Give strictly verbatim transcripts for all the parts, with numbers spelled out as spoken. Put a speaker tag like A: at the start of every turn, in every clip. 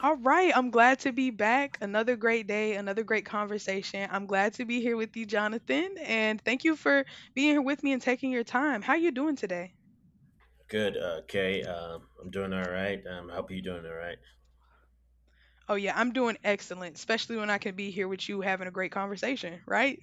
A: All right, I'm glad to be back. Another great day, another great conversation. I'm glad to be here with you, Jonathan, and thank you for being here with me and taking your time. How you doing today?
B: Good. uh, Okay. Um, I'm doing all right. Um, I hope you're doing all right.
A: Oh yeah, I'm doing excellent, especially when I can be here with you having a great conversation, right?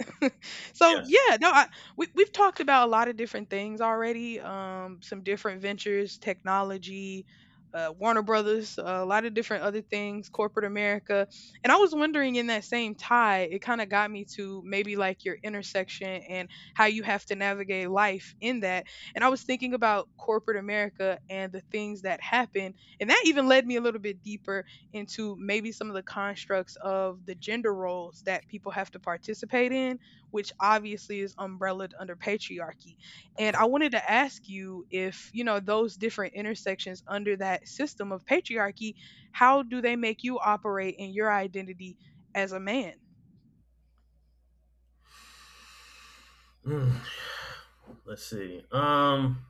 A: so
B: Yes.
A: yeah no I, we, we've talked about a lot of different things already, um some different ventures, technology, uh, Warner Brothers, uh, a lot of different other things, corporate America. And I was wondering, in that same tie, it kind of got me to maybe like your intersection and how you have to navigate life in that. And I was thinking about corporate America and the things that happen, and that even led me a little bit deeper into maybe some of the constructs of the gender roles that people have to participate in, which obviously is umbrellaed under patriarchy. And I wanted to ask you, if, you know, those different intersections under that system of patriarchy, how do they make you operate in your identity as a man?
B: Hmm. Let's see. Um,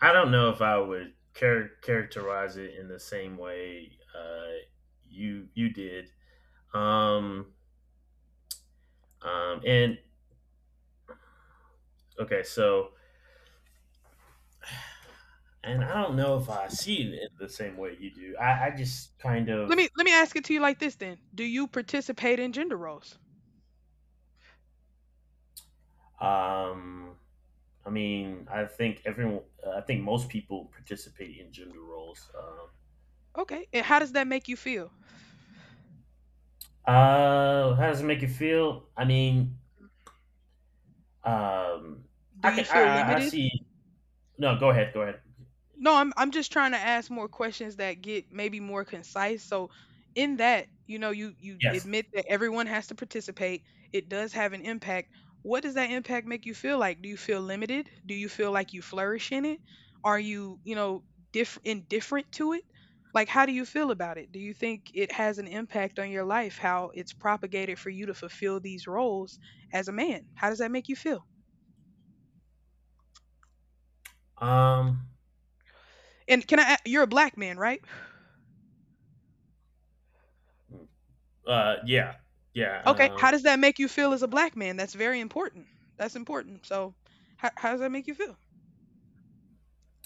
B: I don't know if I would char- characterize it in the same way uh, you you did. Um, um, and okay, so and I don't know if I see it in the same way you do. I, I just kind
A: Let
B: of
A: me let me ask it to you like this then. Do you participate in gender roles?
B: um, I mean, I think everyone, I think most people participate in gender roles. Um,
A: Okay. And how does that make you feel?
B: Uh, how does it make you feel? I mean, um,
A: Do
B: I
A: you
B: can I
A: feel
B: I I
A: limited?
B: see. No, go ahead, go ahead.
A: No, I'm I'm just trying to ask more questions that get maybe more concise. So in that, you know, you you
B: Yes.
A: admit that everyone has to participate. It does have an impact. What does that impact make you feel like? Do you feel limited? Do you feel like you flourish in it? Are you, you know, diff indifferent to it? Like how do you feel about it? Do you think it has an impact on your life how it's propagated for you to fulfill these roles as a man? How does that make you feel?
B: Um.
A: And can I a- you're a black man, right?
B: Uh. Yeah. Yeah.
A: Okay, how
B: Um.
A: does that make you feel as a black man? That's very important. That's important. So, how, how does that make you feel?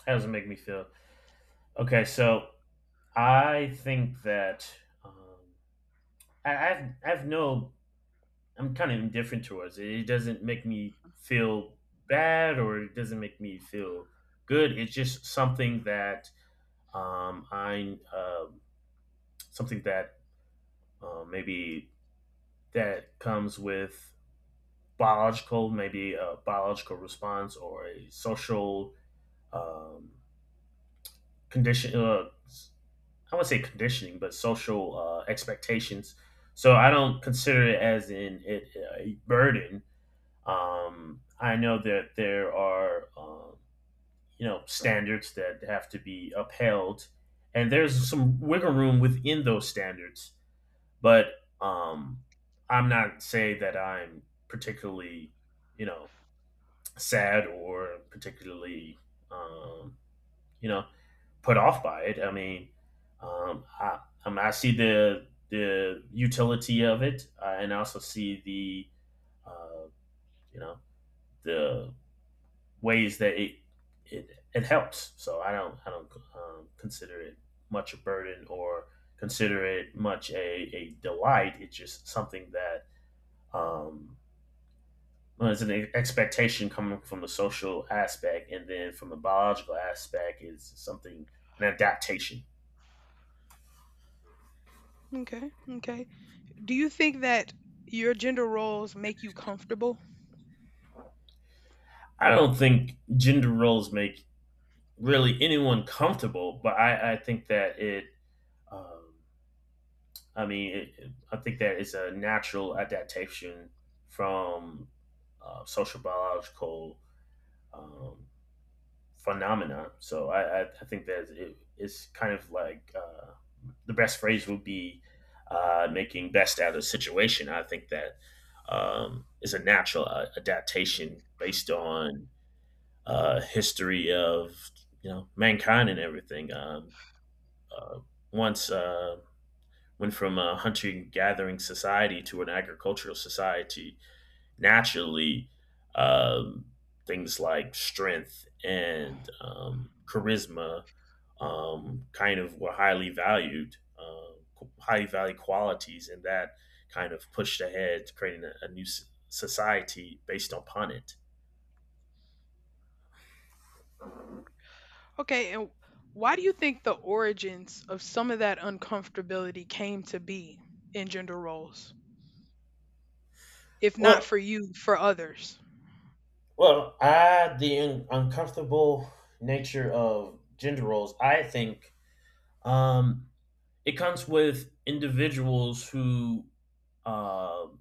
B: how does it make me feel? Okay, so I think that um, I, I've I've no, I'm kind of indifferent towards it. It doesn't make me feel bad or it doesn't make me feel good. It's just something that um, I um something that uh, maybe that comes with biological, maybe a biological response or a social um, condition. Uh, I would say conditioning, but social uh, expectations. So I don't consider it as in it a burden. Um, I know that there are um, you know standards that have to be upheld, and there's some wiggle room within those standards. But um, I'm not saying that I'm particularly, you know, sad or particularly, um, you know, put off by it. I mean, um, I, I, mean, I see the the utility of it, uh, and I also see the, uh, you know, the ways that it it, it helps. So I don't I don't um, consider it much a burden or consider it much a, a delight. It's just something that um, well, it's an expectation coming from the social aspect, and then from the biological aspect is something an adaptation.
A: Okay, okay. Do you think that your gender roles make you comfortable?
B: I don't think gender roles make really anyone comfortable, but I, I think that it. Um, I mean, it- I think that it's a natural adaptation from uh, social biological um, phenomena. So I, I, I think that it, it's kind of like uh, the best phrase would be uh, making best out of the situation. I think that um, is a natural uh, adaptation based on uh, history of you know mankind and everything. Um, uh, once uh, went from a hunting gathering society to an agricultural society naturally, um, things like strength and um, charisma um, kind of were highly valued, uh, highly valued qualities, and that kind of pushed ahead to creating a, a new society based upon it.
A: Okay, and why do you think the origins of some of that uncomfortability came to be in gender roles? If not
B: Well,
A: for you, for others.
B: well, I the un- uncomfortable nature of gender roles. I think um, it comes with individuals who um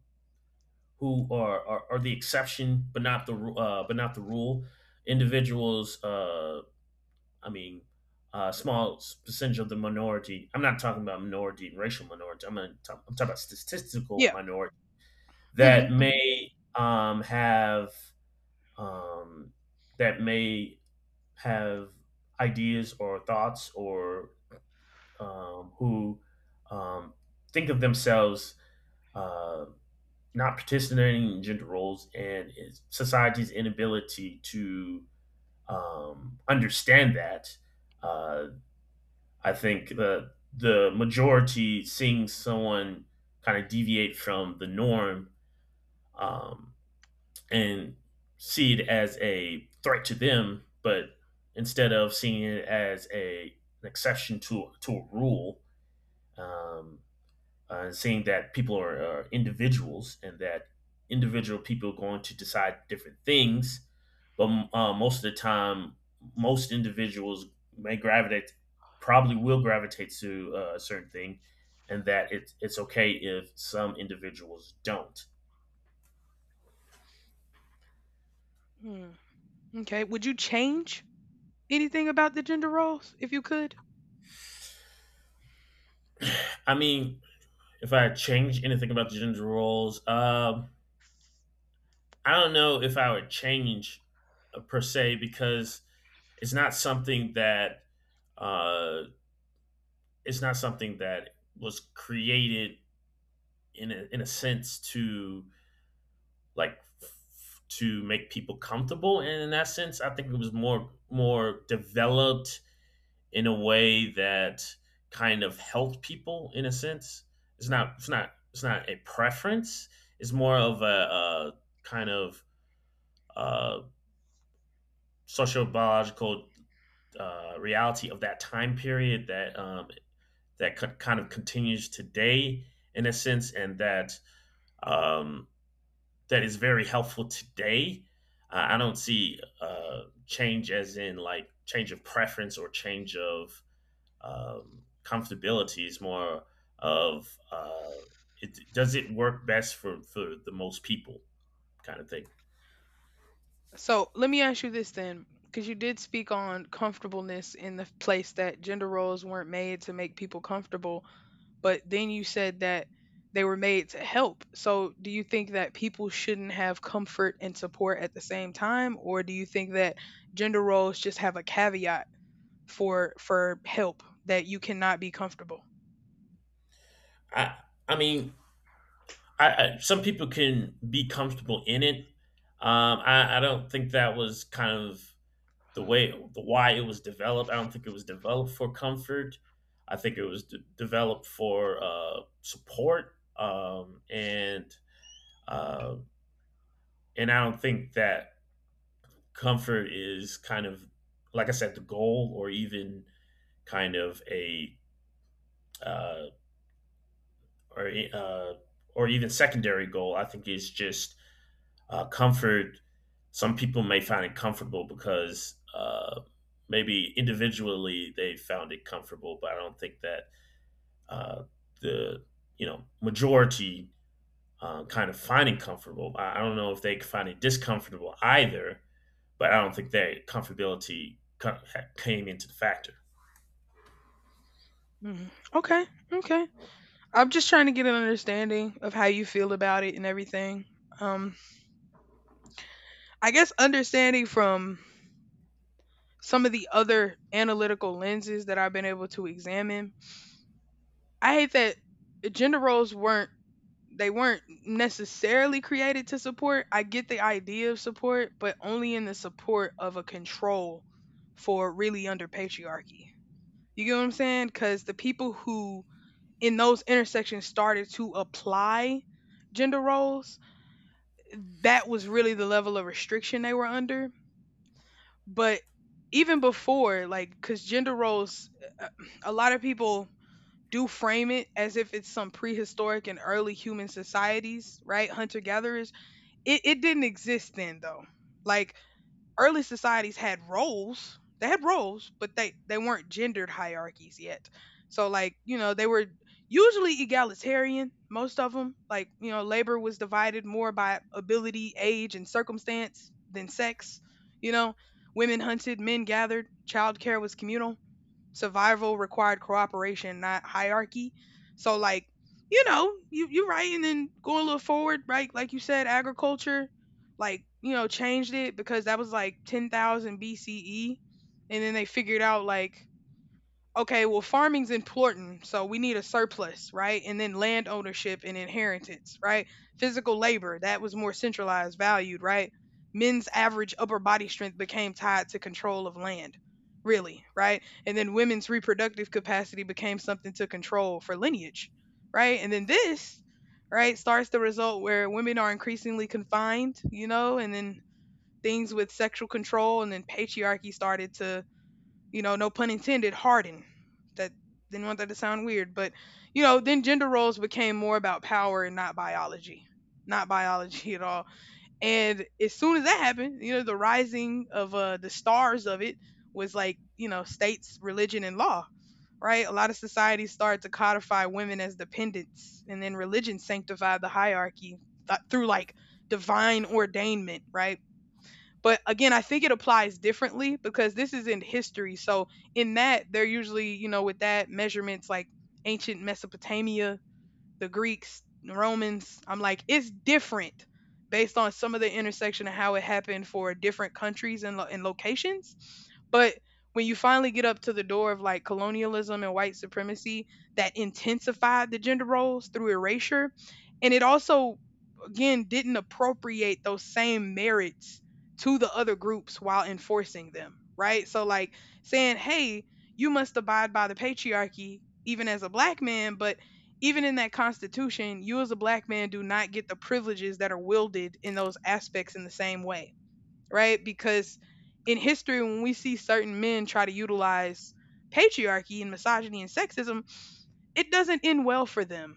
B: who are, are, are the exception, but not the uh, but not the rule. Individuals, uh, I mean, uh, small percentage of the minority. I'm not talking about minority and racial minority. I'm not talk, I'm talking about statistical
A: Yeah.
B: minority
A: Mm-hmm,
B: that
A: mm-hmm.
B: may um, have um, that may have ideas or thoughts or um, who um, think of themselves uh, not participating in gender roles and society's inability to um, understand that. Uh, I think the the majority seeing someone kind of deviate from the norm, um, and see it as a threat to them, but instead of seeing it as a an exception to to a rule, um, uh, saying that people are, are individuals and that individual people are going to decide different things. But uh, most of the time, most individuals may gravitate, probably will gravitate to uh, a certain thing, and that it, it's okay if some individuals don't.
A: Hmm. Okay. Would you change anything about the gender roles if you could?
B: I mean, if I change anything about the gender roles, um, I don't know if I would change uh, per se, because it's not something that uh, it's not something that was created in a, in a sense to like f- to make people comfortable, and in that sense I think it was more more developed in a way that kind of helped people in a sense. It's not it's not it's not a preference. It's more of a, a kind of uh, social biological uh, reality of that time period that um, that co- kind of continues today in a sense, and that um, that is very helpful today. Uh, I don't see uh, change as in like change of preference or change of um, comfortability. It's more of uh, it, does it work best for, for the most people kind of thing.
A: So let me ask you this then, because you did speak on comfortableness in the place that gender roles weren't made to make people comfortable, but then you said that they were made to help. So do you think that people shouldn't have comfort and support at the same time, or do you think that gender roles just have a caveat for for help that you cannot be comfortable?
B: I I mean, I, I some people can be comfortable in it. Um, I, I don't think that was kind of the way the why it was developed. I don't think it was developed for comfort. I think it was de- developed for uh, support, um, and uh, and I don't think that comfort is kind of, like I said, the goal or even kind of a uh, or uh, or even secondary goal. I think it's just uh, comfort. Some people may find it comfortable because uh, maybe individually they found it comfortable, but I don't think that uh, the you know majority, uh, kind of finding comfortable. I don't know if they find it discomfortable either, but I don't think that comfortability came into the factor.
A: Mhm. Okay, okay. I'm just trying to get an understanding of how you feel about it and everything. Um, I guess understanding from some of the other analytical lenses that I've been able to examine. I hate that gender roles weren't they weren't necessarily created to support. I get the idea of support, but only in the support of a control for, really, under patriarchy. You get what I'm saying? Cuz the people who in those intersections started to apply gender roles, that was really the level of restriction they were under. But even before, like, because gender roles, uh, a lot of people do frame it as if it's some prehistoric and early human societies, right, hunter gatherers, it, it didn't exist then though. Like early societies had roles. They had roles, but they they weren't gendered hierarchies yet. So like, you know, they were usually egalitarian, most of them. Like, you know, labor was divided more by ability, age, and circumstance than sex, you know. Women hunted, men gathered, childcare was communal. Survival required cooperation, not hierarchy. So like, you know, you you right, and then going a little forward, right? Like you said, agriculture, like, you know, changed it because that was like ten thousand B C E, and then they figured out like, okay, well, farming's important, so we need a surplus, right? And then land ownership and inheritance, right? Physical labor, that was more centralized, valued, right? Men's average upper body strength became tied to control of land, really, right? And then women's reproductive capacity became something to control for lineage, right? And then this, right, starts the result where women are increasingly confined, you know, and then things with sexual control, and then patriarchy started to, you know, no pun intended, harden. That, didn't want that to sound weird, but you know, then gender roles became more about power and not biology, not biology at all. And as soon as that happened, you know, the rising of uh, the stars of it was like, you know, states, religion, and law. Right, a lot of societies started to codify women as dependents, and then religion sanctified the hierarchy th- through like divine ordainment. Right, but again, I think it applies differently because this is in history. So in that, they're usually, you know, with that measurements like ancient Mesopotamia, the Greeks, the Romans. I'm like, it's different based on some of the intersection of how it happened for different countries and, lo- and locations. But when you finally get up to the door of like colonialism and white supremacy, that intensified the gender roles through erasure, and it also, again, didn't appropriate those same merits to the other groups while enforcing them, right? So, like saying, hey, you must abide by the patriarchy even as a black man, but even in that constitution, you as a black man do not get the privileges that are wielded in those aspects in the same way, right? Because in history, when we see certain men try to utilize patriarchy and misogyny and sexism, it doesn't end well for them.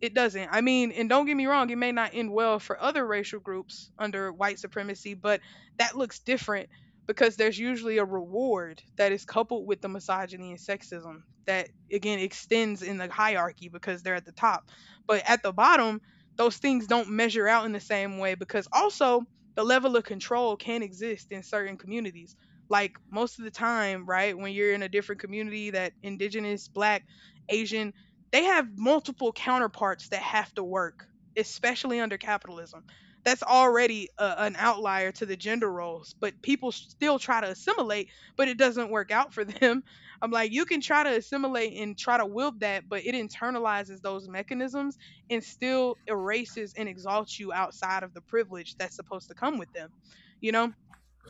A: It doesn't. I mean, and don't get me wrong, it may not end well for other racial groups under white supremacy, but that looks different because there's usually a reward that is coupled with the misogyny and sexism that again extends in the hierarchy because they're at the top. But at the bottom, those things don't measure out in the same way because also the level of control can exist in certain communities. Like most of the time, right, when you're in a different community that indigenous, black, Asian, they have multiple counterparts that have to work, especially under capitalism. That's already a, an outlier to the gender roles, but people still try to assimilate, but it doesn't work out for them. I'm like, you can try to assimilate and try to wield that, but it internalizes those mechanisms and still erases and exalts you outside of the privilege that's supposed to come with them, you know?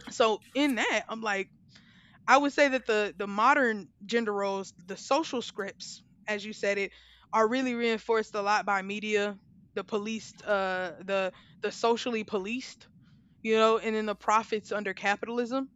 A: So, in that, I'm like, I would say that the the modern gender roles, the social scripts, as you said it, are really reinforced a lot by media, the policed, uh, the the socially policed, you know, and then the profits under capitalism,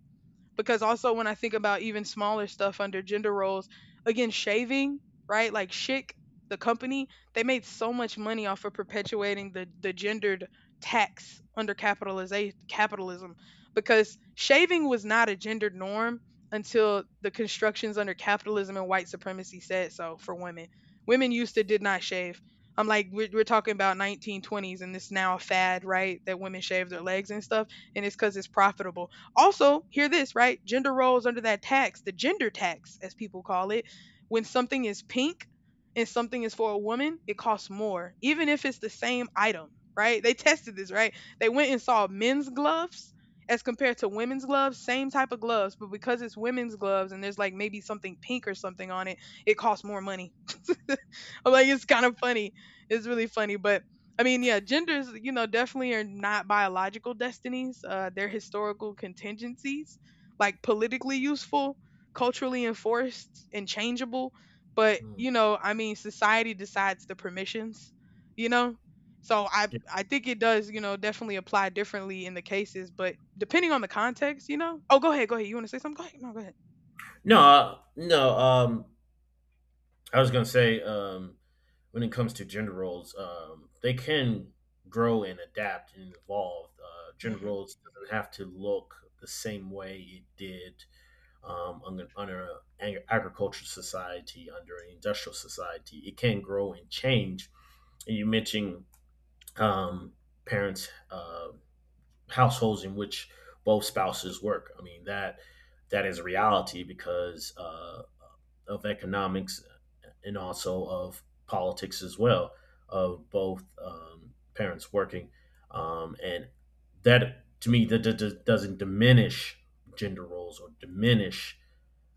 A: because also when I think about even smaller stuff under gender roles, again, shaving, right? Like Schick, the company, they made so much money off of perpetuating the the gendered tax under capitalization capitalism because shaving was not a gendered norm until the constructions under capitalism and white supremacy said so for women. Women used to did not shave. I'm like we're, we're talking about nineteen twenties, and it's now a fad, right? That women shave their legs and stuff, and it's because it's profitable. Also, hear this, right? Gender roles under that tax, the gender tax, as people call it, when something is pink and something is for a woman, it costs more, even if it's the same item, right? They tested this, right? They went and saw men's gloves as compared to women's gloves, same type of gloves, but because it's women's gloves and there's like maybe something pink or something on it, it costs more money. I'm like, it's kind of funny. It's really funny. But I mean, yeah, genders, you know, definitely are not biological destinies. Uh, they're historical contingencies, like politically useful, culturally enforced, and changeable. But,
B: Mm.
A: you know, I mean, society decides the permissions, you know? So I, I think it does, you know, definitely apply differently in the cases, but depending on the context, you know. Oh, go ahead, go ahead. You want to say something? Go ahead. No, go ahead.
B: No, uh, no. Um, I was gonna say, um, when it comes to gender roles, um, they can grow and adapt and evolve. Uh, gender
A: Mm-hmm.
B: roles doesn't have to look the same way it did, um, under, under an agricultural society, under an industrial society. It can grow and change. And you mentioned um, parents, uh, households in which both spouses work. I mean that that is a reality because uh, of economics and also of politics as well, of both um, parents working, um, and that, to me, that, that- that doesn't diminish gender roles or diminish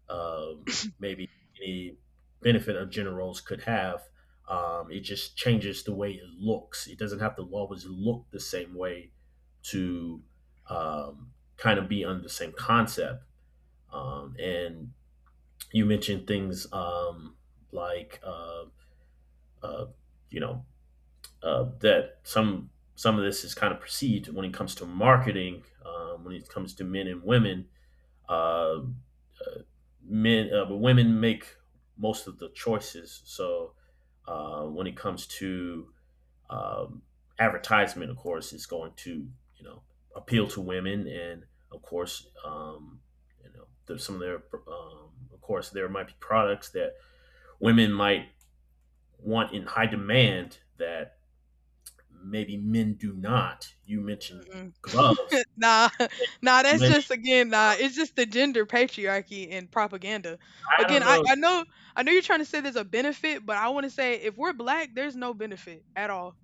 B: um, maybe any benefit a generals could have. Um, it just changes the way it looks. It doesn't have to always look the same way to um, kind of be under the same concept. Um, and you mentioned things, um, like uh, uh, you know uh, that some some of this is kind of perceived when it comes to marketing, um, when it comes to men and women, uh, uh, men uh, women make most of the choices. So uh, when it comes to um, advertisement, of course it's going to you know appeal to women. And of course, um, you know there's some of their, um, of course there might be products that women might want in high demand that maybe men do not. You mentioned
A: Mm-mm.
B: gloves,
A: Nah, nah, that's just
B: maybe,
A: again, nah, it's just the gender patriarchy and propaganda.
B: I
A: Again, I,
B: don't
A: I know I know you're trying to say there's a benefit, but I want to say if we're black, there's no benefit at all.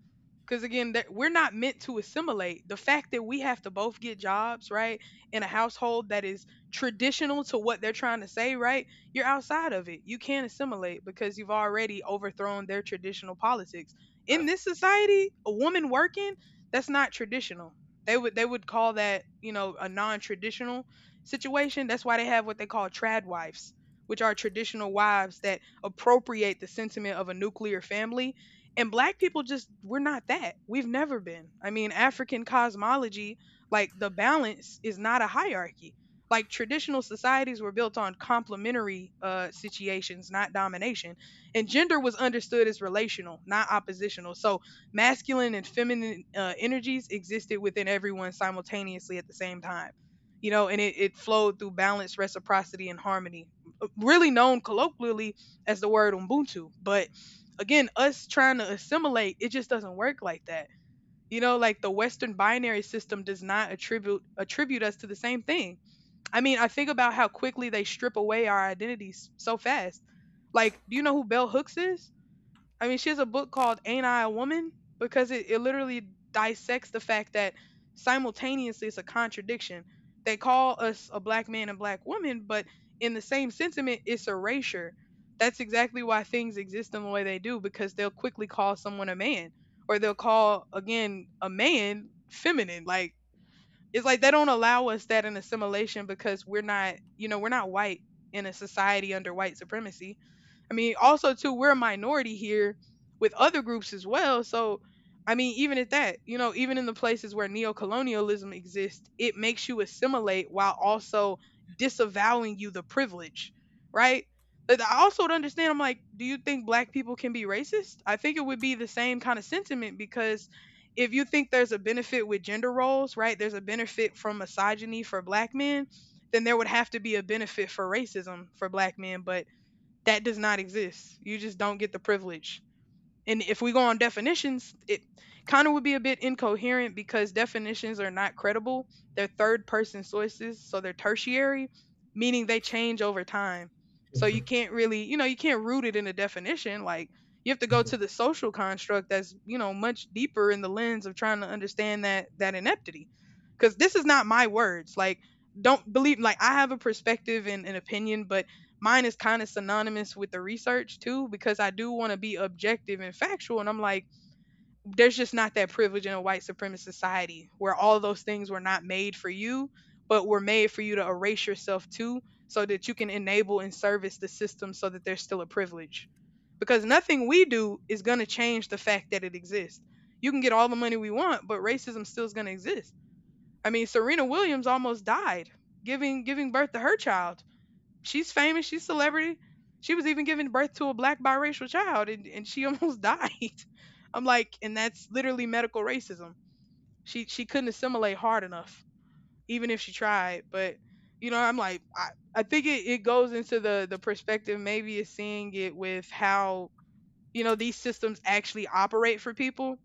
A: Because again, that we're not meant to assimilate. The fact that we have to both get jobs, right, in a household that is traditional to what they're trying to say, right, you're outside of it. You can't assimilate because you've already overthrown their traditional politics. In this society, a woman working, that's not traditional. They would they would call that, you know, a non-traditional situation. That's why they have what they call trad wives, which are traditional wives that appropriate the sentiment of a nuclear family, and black people just, we're not that. We've never been. I mean, African cosmology, like the balance is not a hierarchy. Like traditional societies were built on complementary uh, situations, not domination. And gender was understood as relational, not oppositional. So masculine and feminine uh, energies existed within everyone simultaneously at the same time. You know, and it, it flowed through balance, reciprocity, and harmony, uh, really known colloquially as the word Ubuntu, but again, us trying to assimilate, it just doesn't work like that. You know, like the Western binary system does not attribute attribute us to the same thing. I mean, I think about how quickly they strip away our identities so fast. Like, do you know who Bell Hooks is? I mean, she has a book called Ain't I a Woman? Because it, it literally dissects the fact that simultaneously it's a contradiction. They call us a black man and black woman, but in the same sentiment, it's erasure. That's exactly why things exist in the way they do, because they'll quickly call someone a man, or they'll call, again, a man feminine. Like, it's like they don't allow us that in assimilation because we're not, you know, we're not white in a society under white supremacy. I mean, also too, we're a minority here with other groups as well. So, I mean, even at that, you know, even in the places where neocolonialism exists, it makes you assimilate while also disavowing you the privilege, right? But I also don't understand. I'm like, do you think black people can be racist? I think it would be the same kind of sentiment because if you think there's a benefit with gender roles, right? There's a benefit from misogyny for black men, then there would have to be a benefit for racism for black men, but that does not exist. You just don't get the privilege, and if we go on definitions, it kind of would be a bit incoherent because definitions are not credible. They're third person sources, so they're tertiary, meaning they change over time. So
B: know.
A: you can't really, you know, you can't root it in a definition. Like you have to go to the social construct that's, you know, much deeper in the lens of trying to understand that that ineptity. Because this is not my words. Like, don't believe like I have a perspective and an opinion, but mine is kind of synonymous with the research too, because I do want to be objective and factual, and I'm like there's just not that privilege in a white supremacist society, where all those things were not made for you but were made for you to erase yourself to, so that you can enable and service the system, so that there's still a privilege, because nothing we do is going to change the fact that it exists. You can get all the money we want, but racism still is going to exist. I mean, Serena Williams almost died giving giving birth to her child. She's famous. She's celebrity. She was even giving birth to a black biracial child, and, and she almost died. I'm like, and that's literally medical racism. She she couldn't assimilate hard enough, even if she tried. But you know, I'm like, I, I think it, it goes into the the perspective maybe is seeing it with how, you know, these systems actually operate for people.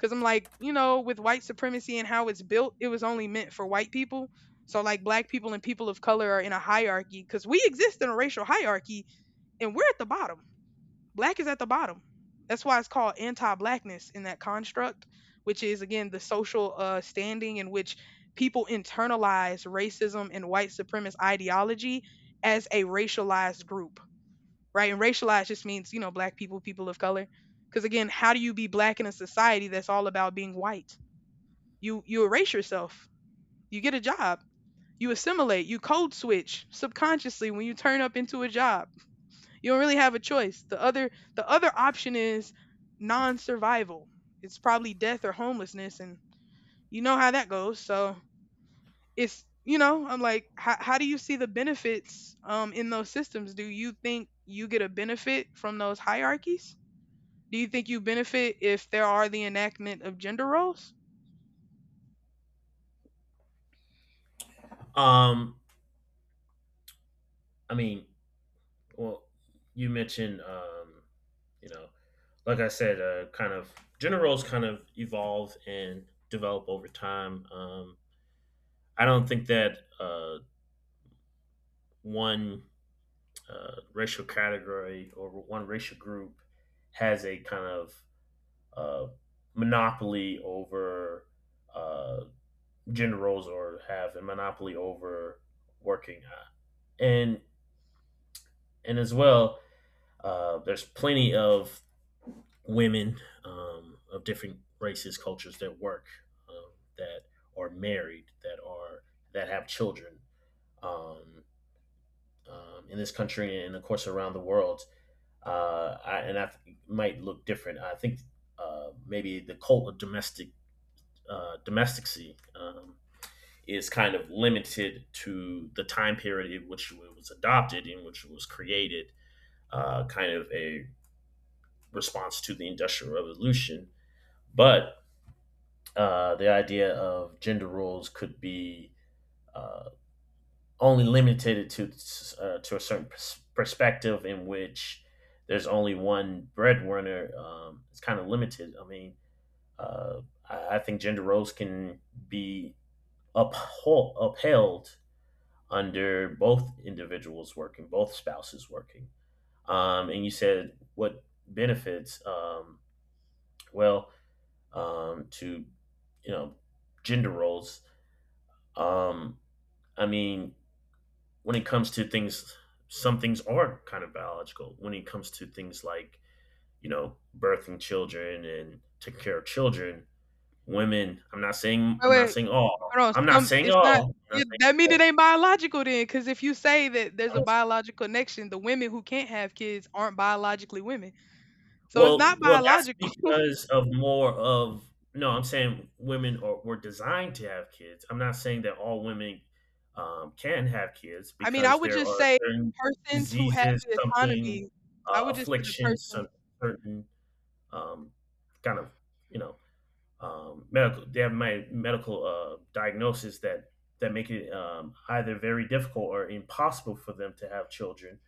A: Cause I'm like, you know, with white supremacy and how it's built, it was only meant for white people. So like black people and people of color are in a hierarchy, because we exist in a racial hierarchy and we're at the bottom. Black is at the bottom. That's why it's called anti-blackness in that construct, which is again the social uh, standing in which people internalize racism and white supremacist ideology as a racialized group, right? And racialized just means, you know, black people, people of color. Because again, how do you be black in a society that's all about being white? You you erase yourself. You get a job. You assimilate. You code switch subconsciously when you turn up into a job. You don't really have a choice. The other the other option is non-survival. It's probably death or homelessness, and you know how that goes. So it's, you know, I'm like, how, how do you see the benefits um, in those systems? Do you think you get a benefit from those hierarchies? Do you think you benefit if there are the enactment of gender roles?
B: um I mean, well, you mentioned, um, you know, like I said, uh, kind of gender roles kind of evolve and develop over time. Um, I don't think that uh, one uh, racial category or one racial group has a kind of uh, monopoly over uh, gender roles or have a monopoly over working. Uh, And and as well, uh, there's plenty of women um, of different races, cultures that work, um, that are married, that are that have children, um, um, in this country and of course around the world. Uh, I, and I th- might look different. I think uh, maybe the cult of domestic uh, domesticacy um, is kind of limited to the time period in which it was adopted, in which it was created, uh, kind of a response to the Industrial Revolution. But uh, the idea of gender roles could be uh, only limited to uh, to a certain pers- perspective in which there's only one breadwinner. Um, it's kind of limited. I mean, uh, I, I think gender roles can be uphol- upheld under both individuals working, both spouses working. Um, and you said, what benefits? Um, well, um, to, you know, gender roles. Um, I mean, when it comes to things, some things are kind of biological. When it comes to things like, you know, birthing children and taking care of children, women. I'm not saying,
A: Wait,
B: I'm not
A: wait,
B: saying all.
A: hold on,
B: I'm not
A: some
B: saying
A: it's not,
B: all. I'm not
A: yeah,
B: saying
A: that mean it
B: all.
A: ain't biological then, because if you say that there's
B: I'm
A: a
B: not-
A: biological connection, the women who can't have kids aren't biologically women. So it's not
B: well, well, that's
A: biological.
B: because of more of, no, I'm saying women are, were designed to have kids. I'm not saying that all women um, can have kids
A: I mean, I
B: because
A: would
B: there
A: just
B: are
A: say
B: certain
A: persons who have
B: diseases,
A: the
B: something,
A: autonomy. I
B: uh,
A: would just say the
B: afflictions,
A: persons.
B: some certain, um, kind of, you know um, medical they have my medical uh, diagnosis that that make it um, either very difficult or impossible for them to have children.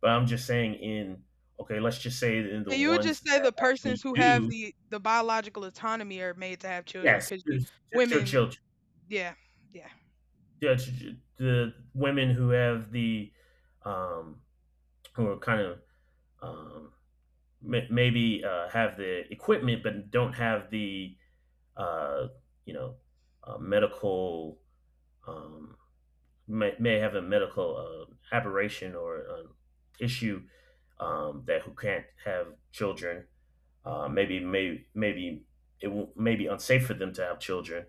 B: But I'm just saying in okay, let's just say in the
A: Yeah, you would
B: ones
A: just say the
B: that
A: persons
B: actually
A: who have
B: do.
A: the the biological autonomy are made to have children,
B: Yes,
A: because you
B: it's just your
A: women.
B: children.
A: Yeah, yeah.
B: Yeah, the women who have the um, who are kind of, um, may- maybe uh, have the equipment but don't have the uh, you know, uh, medical um, may, may have a medical uh, aberration or an issue, um, that who can't have children. Uh, maybe maybe maybe it will, may be unsafe for them to have children.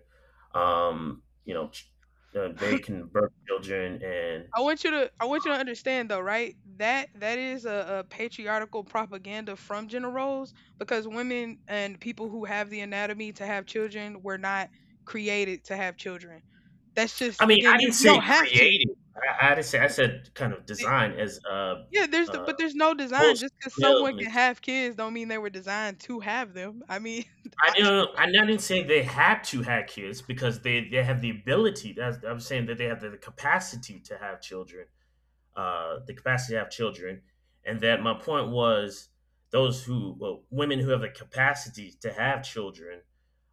B: Um, you know, ch- uh, they can birth children, and
A: I want you to I want you to understand though, right? That that is a, a patriarchal propaganda from gender roles, because women and people who have the anatomy to have children were not created to have children. That's
B: I
A: just
B: mean,
A: again,
B: I
A: you,
B: didn't
A: you
B: say
A: don't have to.
B: creating. I, I didn't say I said kind of
A: It-
B: design as uh,
A: Yeah, there's the,
B: uh,
A: but there's no design.
B: most
A: Just because someone can
B: films
A: have kids, don't mean they were designed to have them. I mean,
B: I
A: I,
B: don't. I didn't say they had to have kids because they, they have the ability. That's I'm saying that they have the, the capacity to have children. Uh, the capacity to have children, and that my point was those who well, women who have the capacity to have children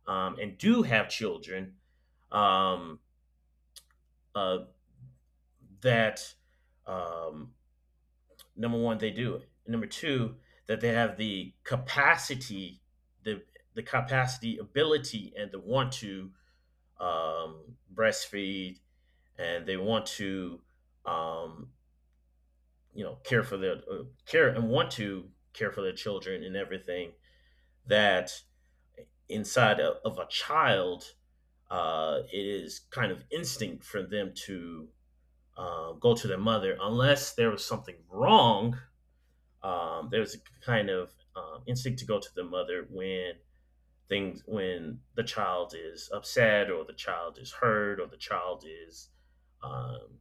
B: um, and do have children. Um, uh, that um, Number one, they do it. Number two, that they have the capacity, the the capacity, ability, and the want to um, breastfeed, and they want to, um, you know, care for their uh, care and want to care for their children and everything. That inside of, of a child, uh, it is kind of instinct for them to uh, go to their mother unless there was something wrong. Um, there's a kind of um, instinct to go to the mother when things when the child is upset or the child is hurt or the child is um,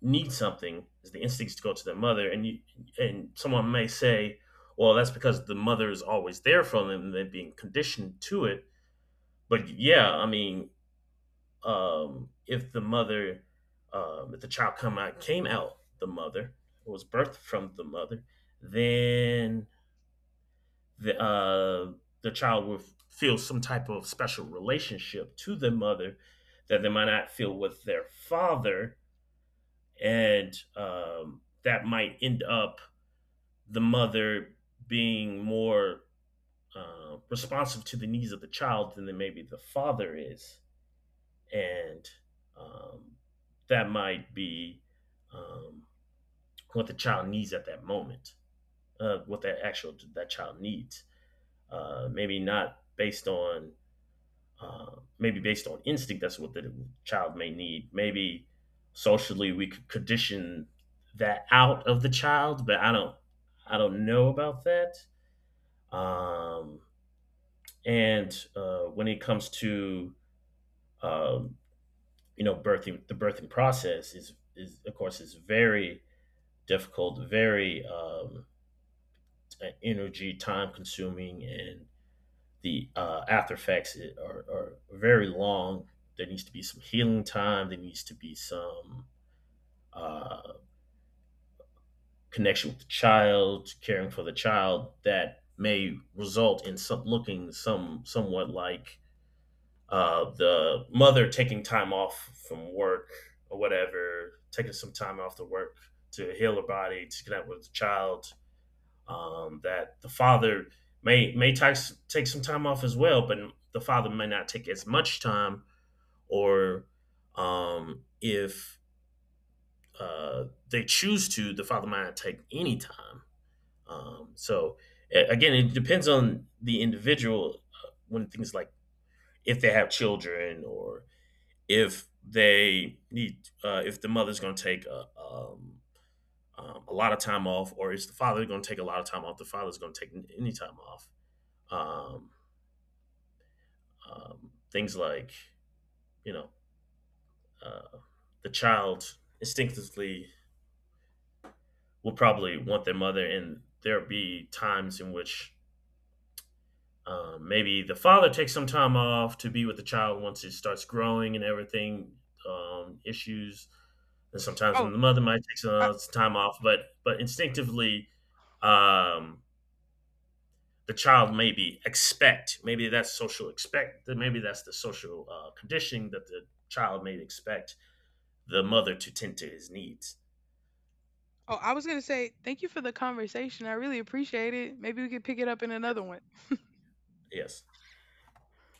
B: needs something is the instincts to go to their mother, and you and someone may say well that's because the mother is always there for them and they're being conditioned to it, but yeah, I mean, um, if the mother um, if the child come out came out the mother was birthed from the mother, then the uh, the child will feel some type of special relationship to their mother that they might not feel with their father, and um, that might end up the mother being more uh, responsive to the needs of the child than maybe the father is, and um, that might be um, what the child needs at that moment, uh, what that actual that child needs. Uh, maybe not based on uh, Maybe based on instinct, that's what the child may need. Maybe socially we could condition that out of the child, but i don't i don't know about that. Um, and uh, When it comes to um, you know birthing, the birthing process is is of course is very difficult, very um, energy time consuming, and the uh, after effects are, are very long. There needs to be some healing time. There needs to be some uh, connection with the child, caring for the child that may result in some looking some somewhat like uh, the mother taking time off from work or whatever, taking some time off to work to heal her body, to connect with the child. Um, that the father may may take take some time off as well, but the father may not take as much time, or um, if uh, they choose to, the father might not take any time. Um, so again, it depends on the individual uh, when things like if they have children or if they need uh, if the mother's going to take a, um, um, a lot of time off, or is the father going to take a lot of time off, the father's going to take n- any time off. um, um, Things like you know uh, the child instinctively will probably want their mother, and there'll be times in which um, maybe the father takes some time off to be with the child once it starts growing and everything. Um, issues, and sometimes the
A: oh,
B: mother might take
A: I,
B: some time off, but but instinctively, um, the child maybe expect maybe that's social expect that maybe that's the social uh, conditioning that the child may expect the mother to tend to his needs.
A: oh, I was gonna say thank you for the conversation. I really appreciate it. Maybe we could pick it up in another one.
B: Yes.